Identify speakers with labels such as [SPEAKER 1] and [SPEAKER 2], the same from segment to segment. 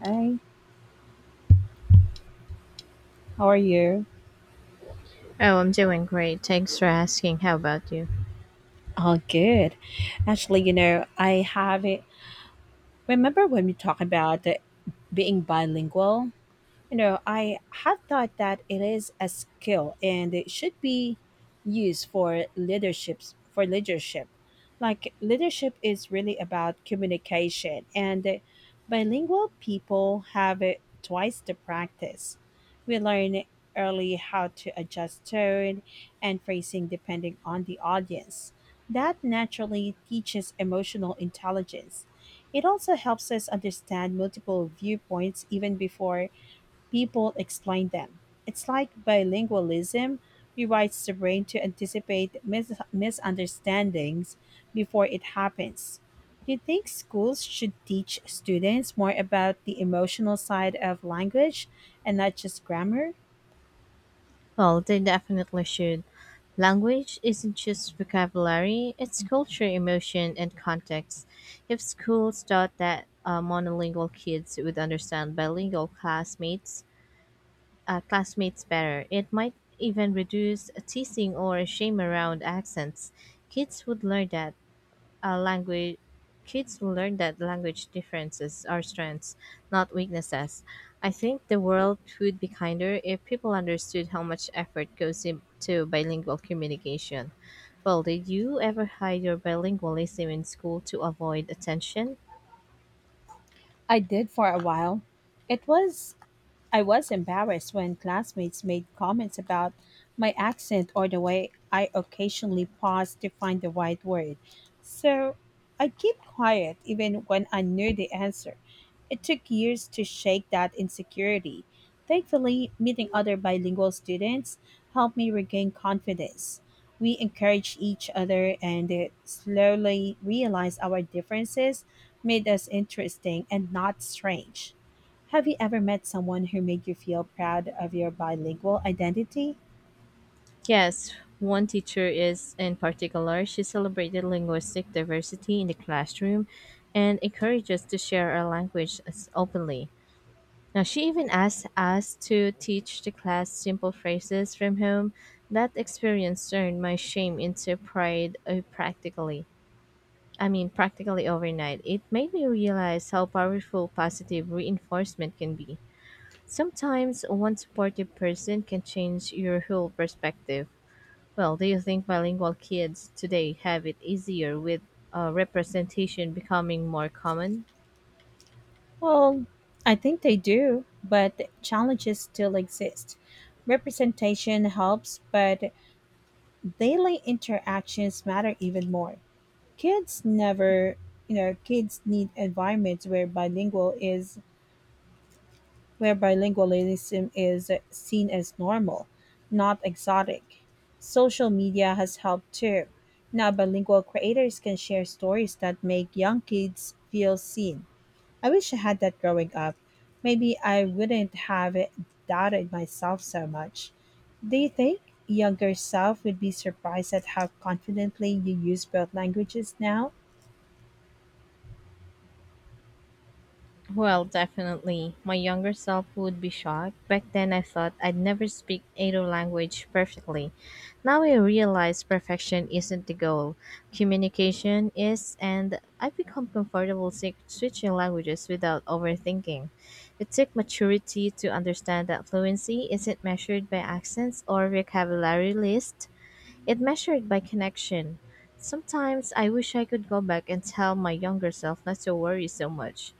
[SPEAKER 1] Hi, how are you?
[SPEAKER 2] Oh, I'm doing great. Thanks for asking. How about you?
[SPEAKER 1] All good. Actually, you know, I have it. Remember when we talked about being bilingual? You know, I had thought that it is a skill and it should be used for leadership. Like leadership is really about communication and bilingual people have it twice the practice. We learn early how to adjust tone and phrasing depending on the audience. That naturally teaches emotional intelligence. It also helps us understand multiple viewpoints even before people explain them. It's like bilingualism rewrites the brain to anticipate misunderstandings before it happens. Do you think schools should teach students more about the emotional side of language and not just grammar?
[SPEAKER 2] Well, they definitely should. Language isn't just vocabulary, it's culture, emotion, and context. If schools taught that, monolingual kids would understand bilingual classmates, classmates better, it might even reduce teasing or shame around accents. Kids would learn that language kids learn that language differences are strengths, not weaknesses. I think the world would be kinder if people understood how much effort goes into bilingual communication. Well, did you ever hide your bilingualism in school to avoid attention?
[SPEAKER 1] I did for a while. It was I was embarrassed when classmates made comments about my accent or the way I occasionally paused to find the right word. So I keep quiet even when I knew the answer. It took years to shake that insecurity. Thankfully, meeting other bilingual students helped me regain confidence. We encouraged each other and slowly realized our differences made us interesting and not strange. Have you ever met someone who made you feel proud of your bilingual identity?
[SPEAKER 2] Yes, one teacher is in particular. She celebrated linguistic diversity in the classroom and encouraged us to share our language as openly. Now, she even asked us to teach the class simple phrases from home. That experience turned my shame into pride practically. Practically overnight. It made me realize how powerful positive reinforcement can be. Sometimes one supportive person can change your whole perspective. Well, do you think bilingual kids today have it easier with representation becoming more common?
[SPEAKER 1] Well, I think they do, but challenges still exist. Representation helps, but daily interactions matter even more. Kids never, you know, kids need environments where bilingualism is seen as normal, not exotic. Social media has helped too. Now, bilingual creators can share stories that make young kids feel seen. I wish I had that growing up. Maybe I wouldn't have doubted myself so much. Do you think younger self would be surprised at how confidently you use both languages now?
[SPEAKER 2] Well, definitely. My younger self would be shocked. Back then, I thought I'd never speak either language perfectly. Now I realize perfection isn't the goal, communication is, and I've become comfortable switching languages without overthinking. It took maturity to understand that fluency isn't measured by accents or vocabulary list. It measured by connection. Sometimes I wish I could go back and tell my younger self not to worry so much.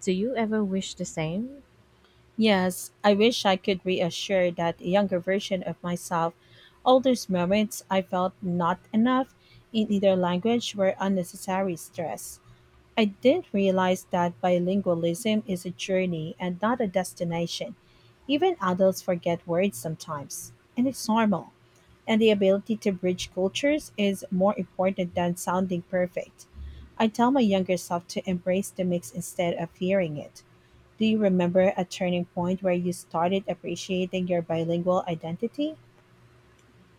[SPEAKER 2] Do you ever wish the same?
[SPEAKER 1] Yes, I wish I could reassure that younger version of myself. All those moments I felt not enough in either language were unnecessary stress. I did realize that bilingualism is a journey and not a destination. Even adults forget words sometimes, and it's normal. And the ability to bridge cultures is more important than sounding perfect. I tell my younger self to embrace the mix instead of fearing it. Do you remember a turning point where you started appreciating your bilingual identity?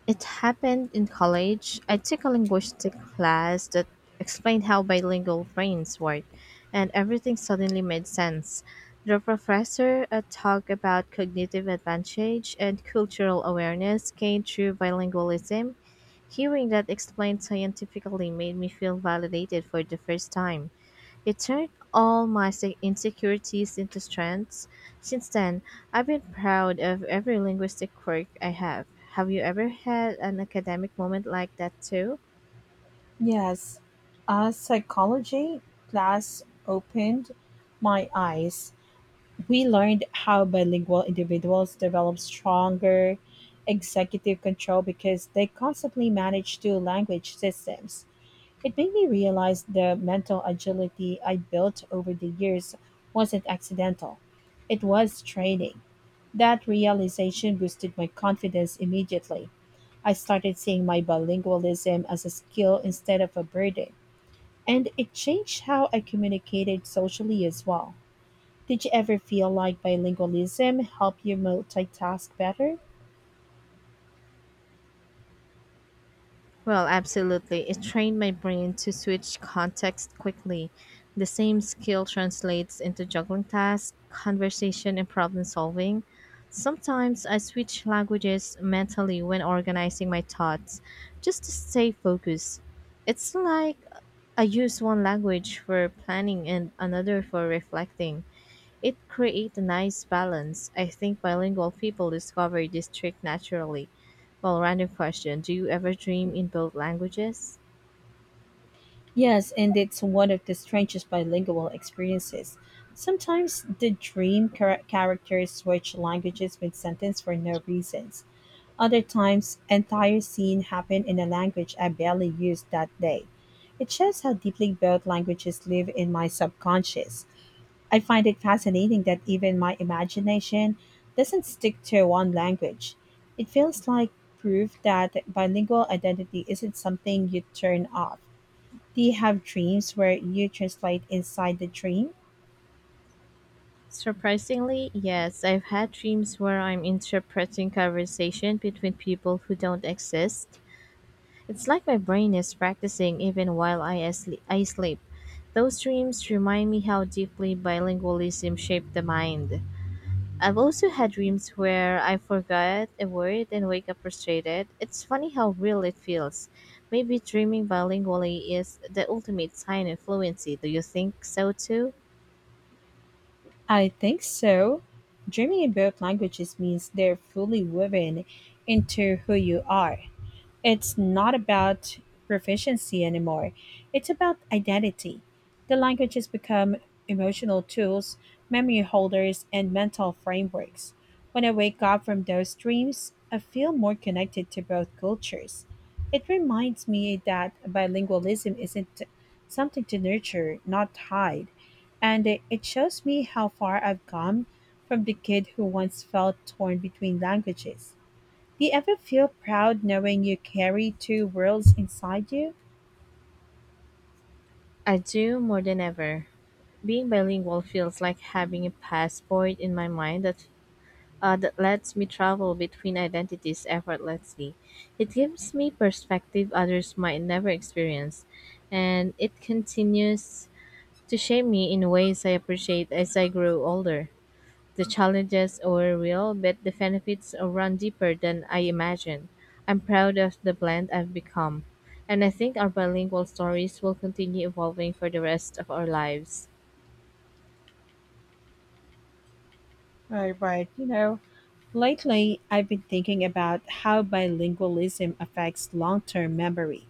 [SPEAKER 2] It happened in college. I took a linguistic class that explained how bilingual brains work, and everything suddenly made sense. The professor talked about cognitive advantage and cultural awareness gained through bilingualism. Hearing that explained scientifically made me feel validated for the first time. It turned all my insecurities into strengths. Since then, I've been proud of every linguistic quirk I have. Have you ever had an academic moment like that too?
[SPEAKER 1] Yes, a psychology class opened my eyes. We learned how bilingual individuals develop stronger executive control because they constantly manage two language systems. It made me realize the mental agility I built over the years wasn't accidental, it was training. That realization boosted my confidence immediately. I started seeing my bilingualism as a skill instead of a burden, and it changed how I communicated socially as well. Did you ever feel like bilingualism helped you multitask better?
[SPEAKER 2] Well, absolutely. It trained my brain to switch context quickly. The same skill translates into juggling tasks, conversation, and problem solving. Sometimes I switch languages mentally when organizing my thoughts just to stay focused. It's like I use one language for planning and another for reflecting. It creates a nice balance. I think bilingual people discover this trick naturally. Well, random question, do you ever dream in both languages?
[SPEAKER 1] Yes, and it's one of the strangest bilingual experiences. Sometimes the dream characters switch languages mid sentence for no reasons. Other times, entire scenes happen in a language I barely used that day. It shows how deeply both languages live in my subconscious. I find it fascinating that even my imagination doesn't stick to one language. It feels like proof that bilingual identity isn't something you turn off. Do you have dreams where you translate inside the dream?
[SPEAKER 2] Surprisingly, yes, I've had dreams where I'm interpreting conversation between people who don't exist. It's like my brain is practicing even while I sleep. Those dreams remind me how deeply bilingualism shaped the mind. I've also had dreams where I forgot a word and wake up frustrated. It's funny how real it feels. Maybe dreaming bilingually is the ultimate sign of fluency. Do you think so too?
[SPEAKER 1] I think so. Dreaming in both languages means they're fully woven into who you are. It's not about proficiency anymore. It's about identity. The languages become emotional tools, memory holders, and mental frameworks. When I wake up from those dreams, I feel more connected to both cultures. It reminds me that bilingualism isn't something to nurture, not hide. And it shows me how far I've come from the kid who once felt torn between languages. Do you ever feel proud knowing you carry two worlds inside you?
[SPEAKER 2] I do, more than ever. Being bilingual feels like having a passport in my mind that lets me travel between identities effortlessly. It gives me perspective others might never experience, and it continues to shape me in ways I appreciate as I grow older. The challenges are real, but the benefits run deeper than I imagined. I'm proud of the blend I've become, and I think our bilingual stories will continue evolving for the rest of our lives.
[SPEAKER 1] Right, right. You know, lately I've been thinking about how bilingualism affects long term memory.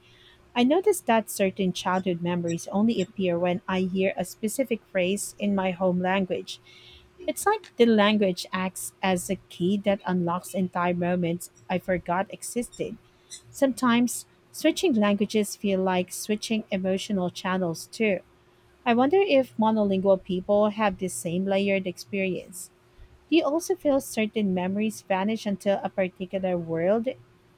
[SPEAKER 1] I noticed that certain childhood memories only appear when I hear a specific phrase in my home language. It's like the language acts as a key that unlocks entire moments I forgot existed. Sometimes switching languages feel like switching emotional channels too. I wonder if monolingual people have the same layered experience. Do you also feel certain memories vanish until a particular world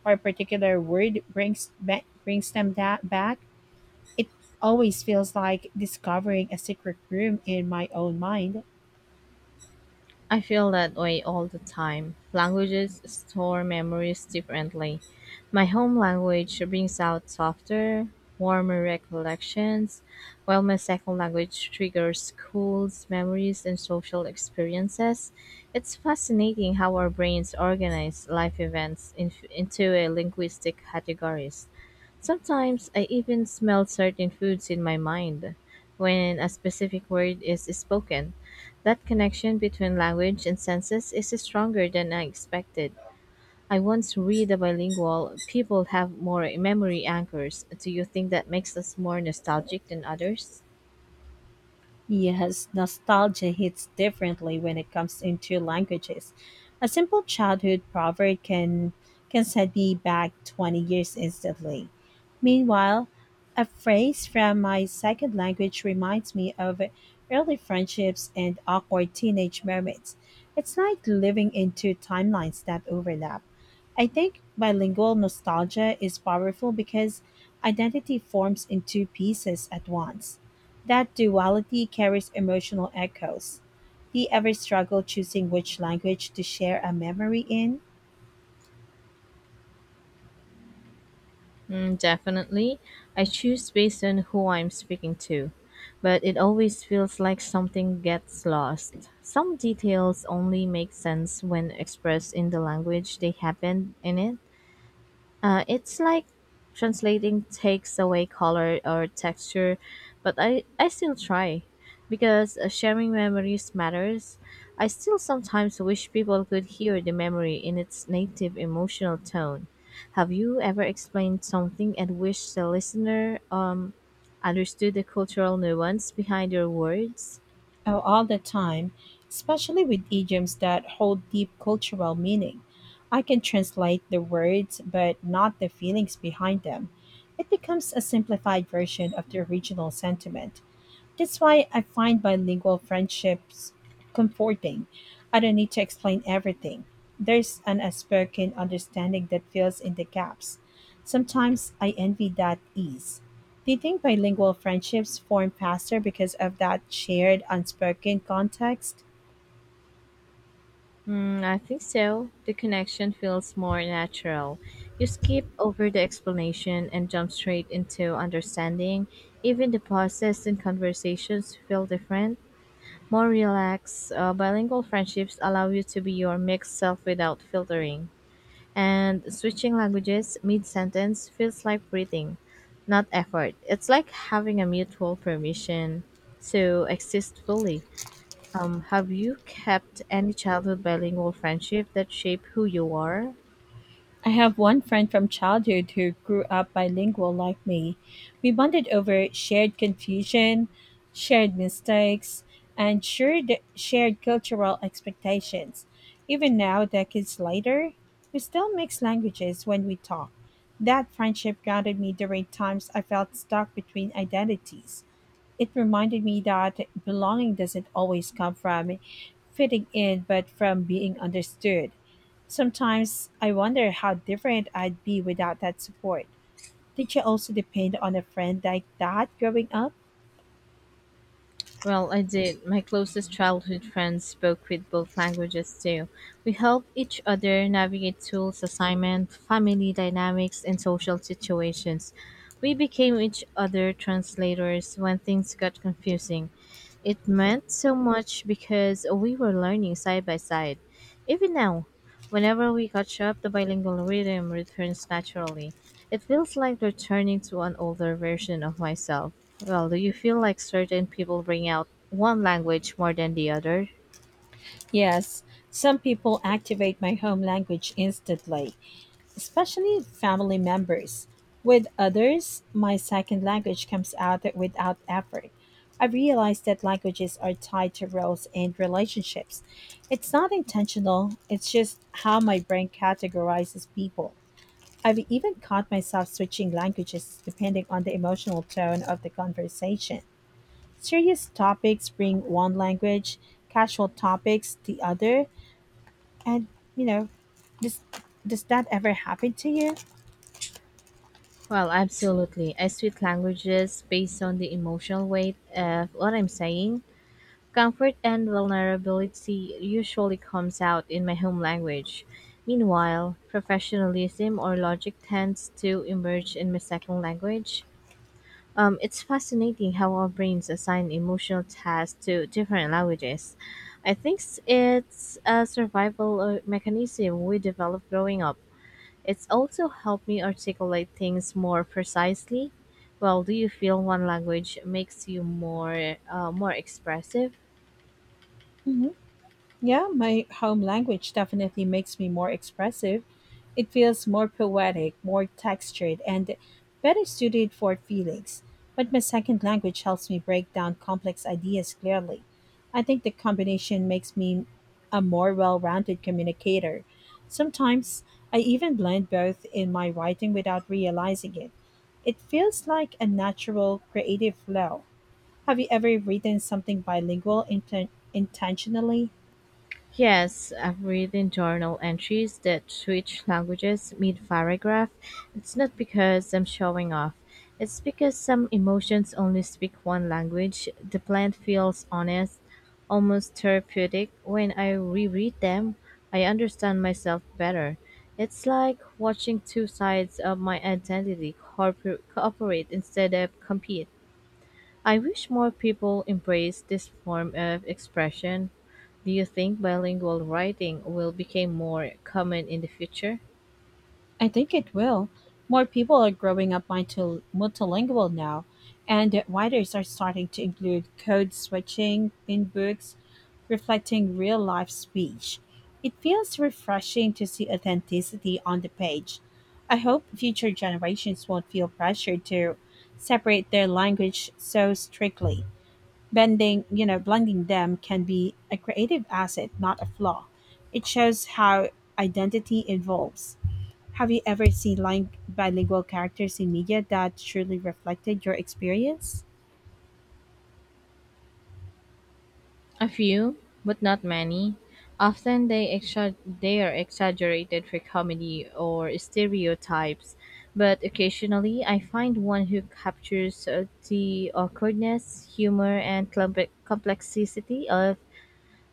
[SPEAKER 1] or a particular word brings them that back? It always feels like discovering a secret room in my own mind.
[SPEAKER 2] I feel that way all the time. Languages store memories differently. My home language brings out softer, warmer recollections, while my second language triggers schools, memories, and social experiences. It's fascinating how our brains organize life into a linguistic categories. Sometimes I even smell certain foods in my mind when a specific word is spoken. That connection between language and senses is stronger than I expected. I once read a bilingual people have more memory anchors. Do you think that makes us more nostalgic than others?
[SPEAKER 1] Yes, nostalgia hits differently when it comes into languages. A simple childhood proverb can send me back 20 years instantly. Meanwhile, a phrase from my second language reminds me of early friendships and awkward teenage moments. It's like living in two timelines that overlap. I think bilingual nostalgia is powerful because identity forms in two pieces at once. That duality carries emotional echoes. Do you ever struggle choosing which language to share a memory in?
[SPEAKER 2] Mm, definitely. I choose based on who I'm speaking to, but it always feels like something gets lost. Some details only make sense when expressed in the language they happened in it. It's like translating takes away color or texture, but I still try because sharing memories matters. I still sometimes wish people could hear the memory in its native emotional tone. Have you ever explained something and wished the listener understood the cultural nuance behind your words?
[SPEAKER 1] Oh, all the time, especially with idioms that hold deep cultural meaning. I can translate the words, but not the feelings behind them. It becomes a simplified version of the original sentiment. That's why I find bilingual friendships comforting. I don't need to explain everything. There's an unspoken understanding that fills in the gaps. Sometimes I envy that ease. Do you think bilingual friendships form faster because of that shared unspoken context?
[SPEAKER 2] Mm, I think so. The connection feels more natural. You skip over the explanation and jump straight into understanding. Even the pauses and conversations feel different, more relaxed. Bilingual friendships allow you to be your mixed self without filtering. And switching languages mid sentence feels like breathing, not effort. It's like having a mutual permission to exist fully. Have you kept any childhood bilingual friendship that shape who you are?
[SPEAKER 1] I have one friend from childhood who grew up bilingual like me. We bonded over shared confusion, shared mistakes, and shared cultural expectations. Even now, decades later, we still mix languages when we talk. That friendship grounded me during times I felt stuck between identities. It reminded me that belonging doesn't always come from fitting in, but from being understood. Sometimes I wonder how different I'd be without that support. Did you also depend on a friend like that growing up?
[SPEAKER 2] Well, I did. My closest childhood friends spoke with both languages too. We helped each other navigate tools, assignment, family dynamics, and social situations. We became each other translators when things got confusing. It meant so much because we were learning side by side. Even now, whenever we catch up, the bilingual rhythm returns naturally. It feels like returning to an older version of myself. Well, do you feel like certain people bring out one language more than the other?
[SPEAKER 1] Yes, some people activate my home language instantly, especially family members. With others, my second language comes out without effort. I realize that languages are tied to roles and relationships. It's not intentional, it's just how my brain categorizes people. I've even caught myself switching languages depending on the emotional tone of the conversation. Serious topics bring one language, casual topics the other, and you know, does does that ever happen to you?
[SPEAKER 2] Well, absolutely. I switch languages based on the emotional weight of what I'm saying. Comfort and vulnerability usually comes out in my home language. Meanwhile, professionalism or logic tends to emerge in my second language. It's fascinating how our brains assign emotional tasks to different languages. I think it's a survival mechanism we developed growing up. It's also helped me articulate things more precisely. Well, do you feel one language makes you more more expressive?
[SPEAKER 1] Mhm. Yeah, my home language definitely makes me more expressive. It feels more poetic, more textured, and better suited for feelings. But my second language helps me break down complex ideas clearly. I think the combination makes me a more well rounded communicator. Sometimes I even blend both in my writing without realizing it. It feels like a natural creative flow. Have you ever written something bilingual intentionally?
[SPEAKER 2] Yes, I've read in journal entries that switch languages mid paragraph. It's not because I'm showing off. It's because some emotions only speak one language. The plant feels honest, almost therapeutic. When I reread them, I understand myself better. It's like watching two sides of my identity cooperate instead of compete. I wish more people embrace this form of expression. Do you think bilingual writing will become more common in the future?
[SPEAKER 1] I think it will. More people are growing up multilingual now, and writers are starting to include code switching in books reflecting real life speech. It feels refreshing to see authenticity on the page. I hope future generations won't feel pressured to separate their language so strictly. Blending them can be a creative asset, not a flaw. It shows how identity evolves. Have you ever seen bilingual characters in media that truly reflected your experience?
[SPEAKER 2] A few, but not many. Often they are exaggerated for comedy or stereotypes, but occasionally I find one who captures the awkwardness, humor, and complexity of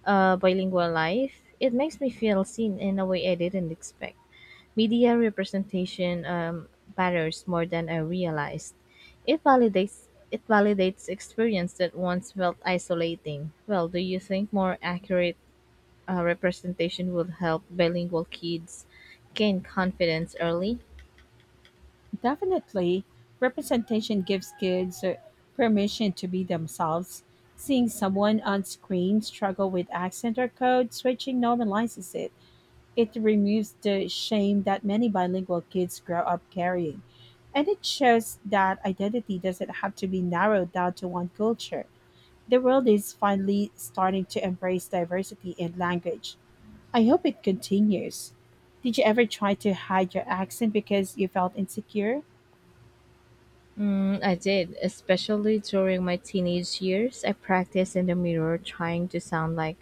[SPEAKER 2] bilingual life. It makes me feel seen in a way I didn't expect. Media representation matters more than I realized. It validates experience that once felt isolating. Well, do you think more accurate representation would help bilingual kids gain confidence early?
[SPEAKER 1] Definitely. Representation gives kids permission to be themselves. Seeing someone on screen struggle with accent or code switching normalizes it. It removes the shame that many bilingual kids grow up carrying. And it shows that identity doesn't have to be narrowed down to one culture. The world is finally starting to embrace diversity in language. I hope it continues. Did you ever try to hide your accent because you felt insecure?
[SPEAKER 2] Mm, I did, especially during my teenage years. I practiced in the mirror trying to sound like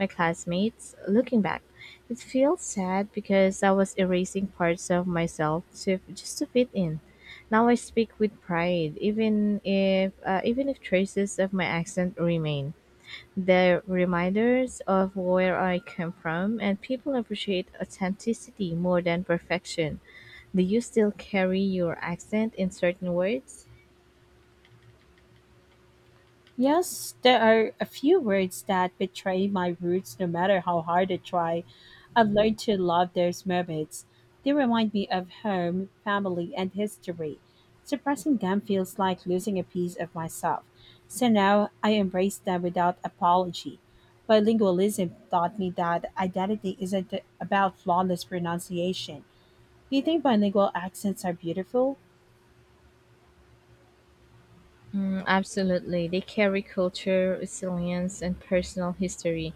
[SPEAKER 2] my classmates. Looking back, it feels sad because I was erasing parts of just to fit in. Now I speak with pride, even if traces of my accent remain. They're reminders of where I came from, and people appreciate authenticity more than perfection. Do you still carry your accent in certain words?
[SPEAKER 1] Yes, there are a few words that betray my roots no matter how hard I try. I've learned to love those moments. They remind me of home, family, and history. Suppressing them feels like losing a piece of myself. So now I embrace them without apology. Bilingualism taught me that identity isn't about flawless pronunciation. Do you think bilingual accents are beautiful?
[SPEAKER 2] Mm, absolutely. They carry culture, resilience, and personal history.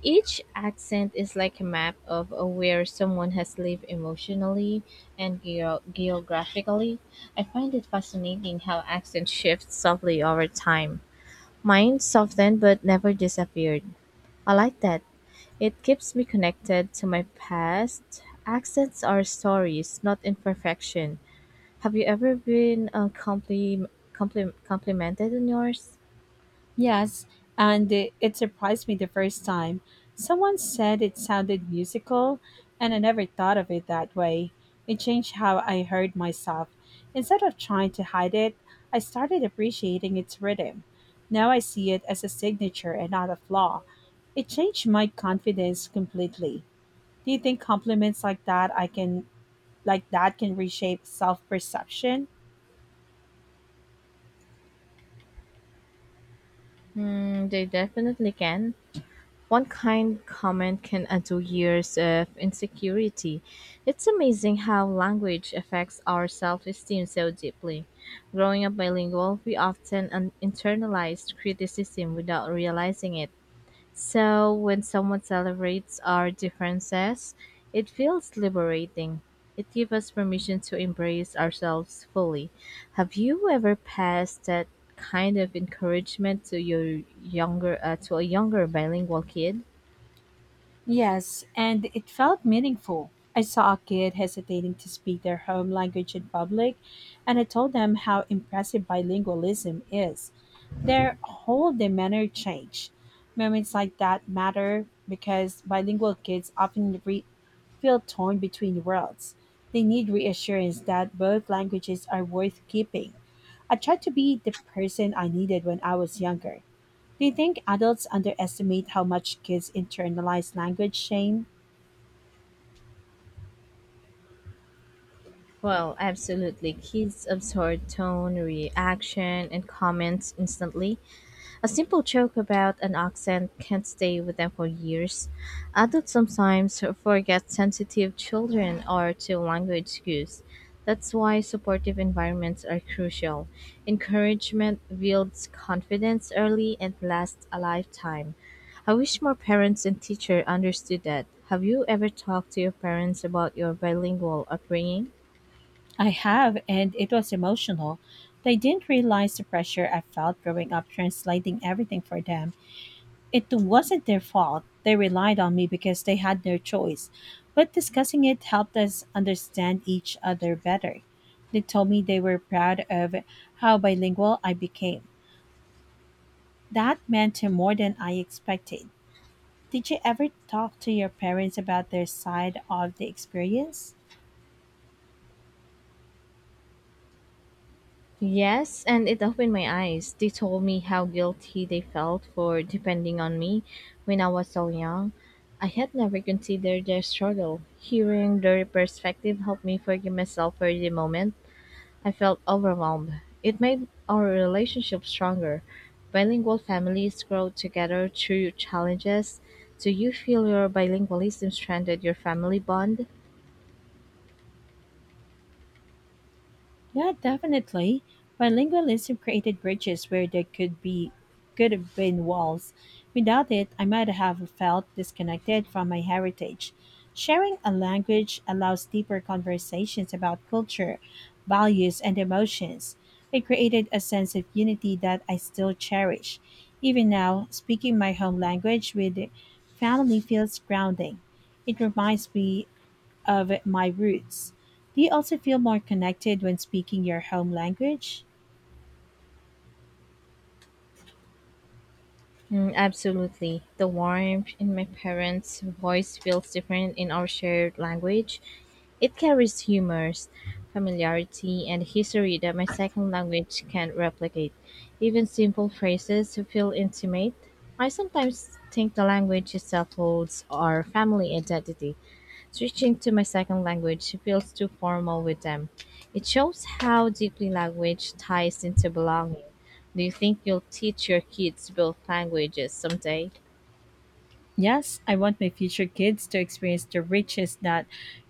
[SPEAKER 2] Each accent is like a map of where someone has lived emotionally and geographically. I find it fascinating how accent shifts softly over time. Mine softened but never disappeared. I like that. It keeps me connected to my past. Accents are stories, not imperfection. Have you ever been complimented on yours?
[SPEAKER 1] Yes, and it surprised me the first time. Someone said it sounded musical, and I never thought of it that way. It changed how I heard myself. Instead of trying to hide it, I started appreciating its rhythm. Now I see it as a signature and not a flaw. It changed my confidence completely. Do you think compliments like that can reshape self-perception?
[SPEAKER 2] Mm, they definitely can. One kind comment can undo years of insecurity. It's amazing how language affects our self esteem so deeply. Growing up bilingual, we often internalized criticism without realizing it. So when someone celebrates our differences, it feels liberating. It gives us permission to embrace ourselves fully. Have you ever passed that kind of encouragement to your younger to a younger bilingual kid?
[SPEAKER 1] Yes, and it felt meaningful. I saw a kid hesitating to speak their home language in public, and I told them how impressive bilingualism is. Their whole demeanor changed. Moments like that matter because bilingual kids often feel torn between worlds. They need reassurance that both languages are worth keeping. I tried to be the person I needed when I was younger. Do you think adults underestimate how much kids internalize language shame?
[SPEAKER 2] Well, absolutely. Kids absorb tone, reaction, and comments instantly. A simple joke about an accent can stay with them for years. Adults sometimes forget sensitive children are to language skills. That's why supportive environments are crucial. Encouragement builds confidence early and lasts a lifetime. I wish more parents and teachers understood that. Have you ever talked to your parents about your bilingual upbringing?
[SPEAKER 1] I have, and it was emotional. They didn't realize the pressure I felt growing up translating everything for them. It wasn't their fault. They relied on me because they had no choice. But discussing it helped us understand each other better. They told me they were proud of how bilingual I became. That meant more than I expected. Did you ever talk to your parents about their side of the experience?
[SPEAKER 2] Yes, and it opened my eyes. They told me how guilty they felt for depending on me when I was so young. I had never considered their struggle. Hearing their perspective helped me forgive myself for the moment. I felt overwhelmed. It made our relationship stronger. Bilingual families grow together through challenges. Do you feel your bilingualism strengthened your family bond?
[SPEAKER 1] Yeah, definitely. Bilingualism created bridges where there could have been walls. Without it, I might have felt disconnected from my heritage. Sharing a language allows deeper conversations about culture, values, and emotions. It created a sense of unity that I still cherish. Even now, speaking my home language with family feels grounding. It reminds me of my roots. Do you also feel more connected when speaking your home language?
[SPEAKER 2] Mm, absolutely. The warmth in my parents' voice feels different in our shared language. It carries humors, familiarity, and history that my second language can't replicate. Even simple phrases feel intimate. I sometimes think the language itself holds our family identity. Switching to my second language feels too formal with them. It shows how deeply language ties into belonging. Do you think you'll teach your kids both languages someday?
[SPEAKER 1] Yes, I want my future kids to experience the riches that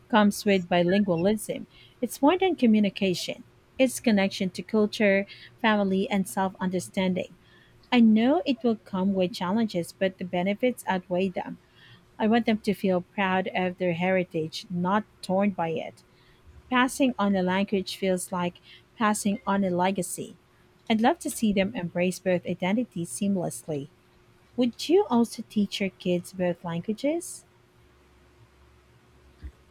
[SPEAKER 1] comes with bilingualism. It's more than communication, it's connection to culture, family, and self understanding. I know it will come with challenges, but the benefits outweigh them. I want them to feel proud of their heritage, not torn by it. Passing on a language feels like passing on a legacy. I'd love to see them embrace both identities seamlessly. Would you also teach your kids both languages?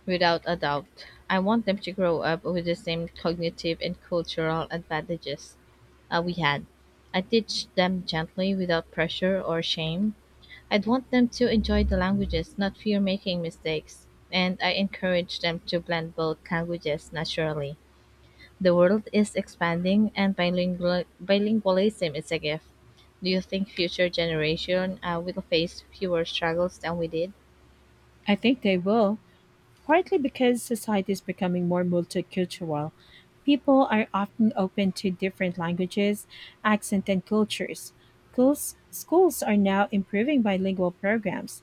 [SPEAKER 2] Without a doubt. I want them to grow up with the same cognitive and cultural advantages we had. I teach them gently without pressure or shame. I'd want them to enjoy the languages, not fear making mistakes, and I encourage them to blend both languages naturally. The world is expanding and bilingualism is a gift. Do you think future generation will face fewer struggles than we did?
[SPEAKER 1] I think they will, partly because society is becoming more multicultural. People are often open to different languages, accent, and cultures. Schools are now improving bilingual programs.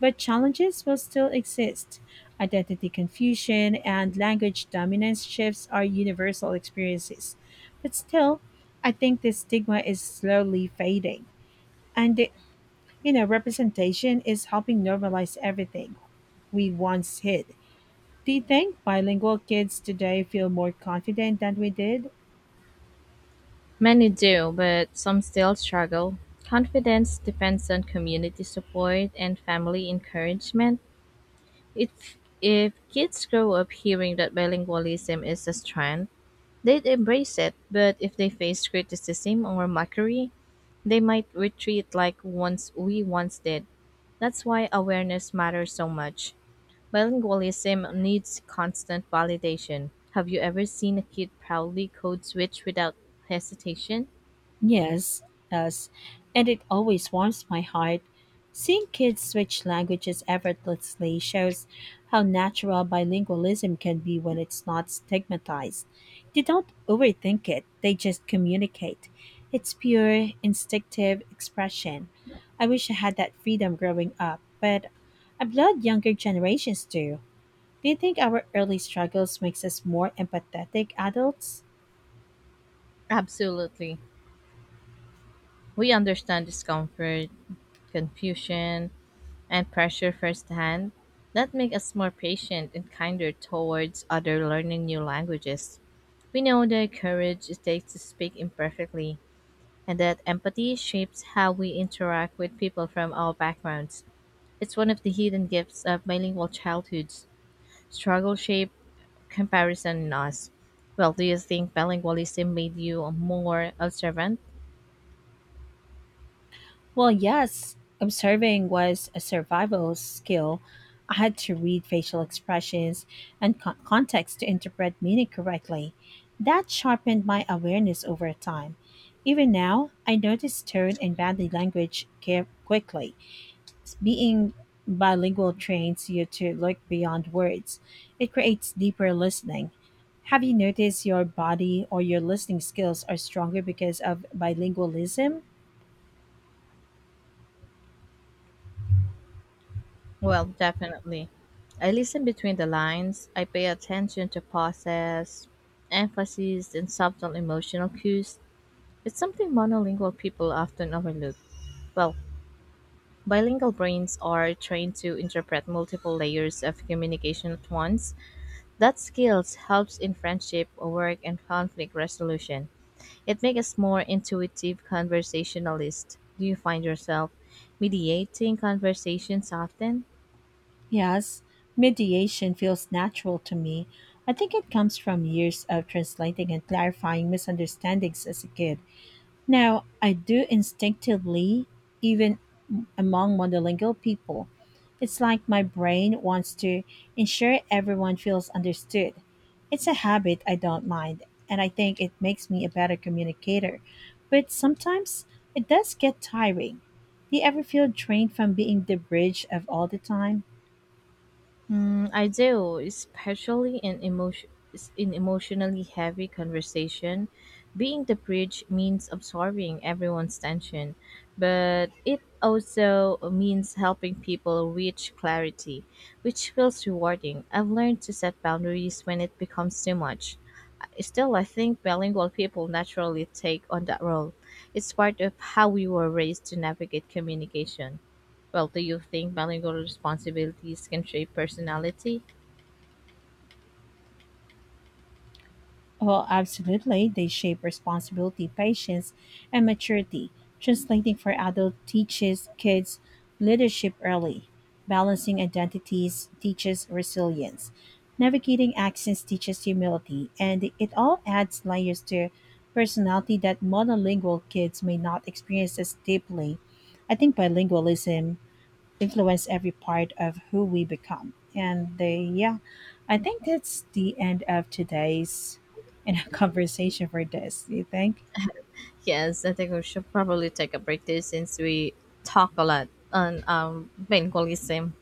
[SPEAKER 1] But challenges will still exist. Identity confusion and language dominance shifts are universal experiences. But still, I think this stigma is slowly fading. And, it- you know, Representation is helping normalize everything we once hid. Do you think bilingual kids today feel more confident than we did?
[SPEAKER 2] Many do, but some still struggle. Confidence depends on community support and family encouragement. If if kids grow up hearing that bilingualism is a strength, they'd embrace it. But if they face criticism or mockery, they might retreat like once we once did. That's why awareness matters so much. Bilingualism needs constant validation. Have you ever seen a kid proudly code switch without hesitation?
[SPEAKER 1] Yes, us, and it always warms my heart. Seeing kids switch languages effortlessly shows how natural bilingualism can be when it's not stigmatized. They don't overthink it, they just communicate. It's pure, instinctive expression. I wish I had that freedom growing up, but I'm glad younger generations do. Do you think our early struggles makes us more empathetic adults?
[SPEAKER 2] Absolutely. We understand discomfort, confusion, and pressure firsthand. That make us more patient and kinder towards other learning new languages. We know the courage it takes to speak imperfectly, and that empathy shapes how we interact with people from all backgrounds. It's one of the hidden gifts of bilingual childhoods struggle shape, comparison, and us. Well, do you think bilingualism made you more observant?
[SPEAKER 1] Well, yes, observing was a survival skill. I had to read facial expressions and context to interpret meaning correctly. That sharpened my awareness over time. Even now, I notice tone and body language care quickly. Being bilingual trains you to look beyond words. It creates deeper listening. Have you noticed your body or your listening skills are stronger because of bilingualism?
[SPEAKER 2] Well, definitely. I listen between the lines. I pay attention to pauses, emphasis, and subtle emotional cues. It's something monolingual people often overlook. Well, bilingual brains are trained to interpret multiple layers of communication at once. That skills helps in friendship, work, and conflict resolution. It makes us more intuitive conversationalists. Do you find yourself mediating conversations often?
[SPEAKER 1] Yes, mediation feels natural to me. I think it comes from years of translating and clarifying misunderstandings as a kid. Now, I do instinctively, even among monolingual people. It's like my brain wants to ensure everyone feels understood. It's a habit I don't mind, and I think it makes me a better communicator. But sometimes it does get tiring. Do you ever feel drained from being the bridge of all the time?
[SPEAKER 2] Mm, I do, especially in emotion in emotionally heavy conversation. Being the bridge means absorbing everyone's tension, but it also means helping people reach clarity, which feels rewarding. I've learned to set boundaries when it becomes too much. Still, I think bilingual people naturally take on that role. It's part of how we were raised to navigate communication. Well, do you think bilingual responsibilities can shape personality?
[SPEAKER 1] Oh, absolutely. They shape responsibility, patience, and maturity. Translating for adult teaches kids leadership early. Balancing identities teaches resilience. Navigating accents teaches humility. And it all adds layers to personality that monolingual kids may not experience as deeply. I think bilingualism influence every part of who we become. And they, yeah, I think that's the end of today's conversation for this. Do you think?
[SPEAKER 2] Yes, I think we should probably take a break there since we talk a lot on bilingualism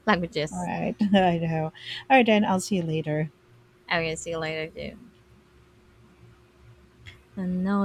[SPEAKER 1] All
[SPEAKER 2] languages.
[SPEAKER 1] right, I know. All right, then I'll see you later.
[SPEAKER 2] I will see you later, too. And no,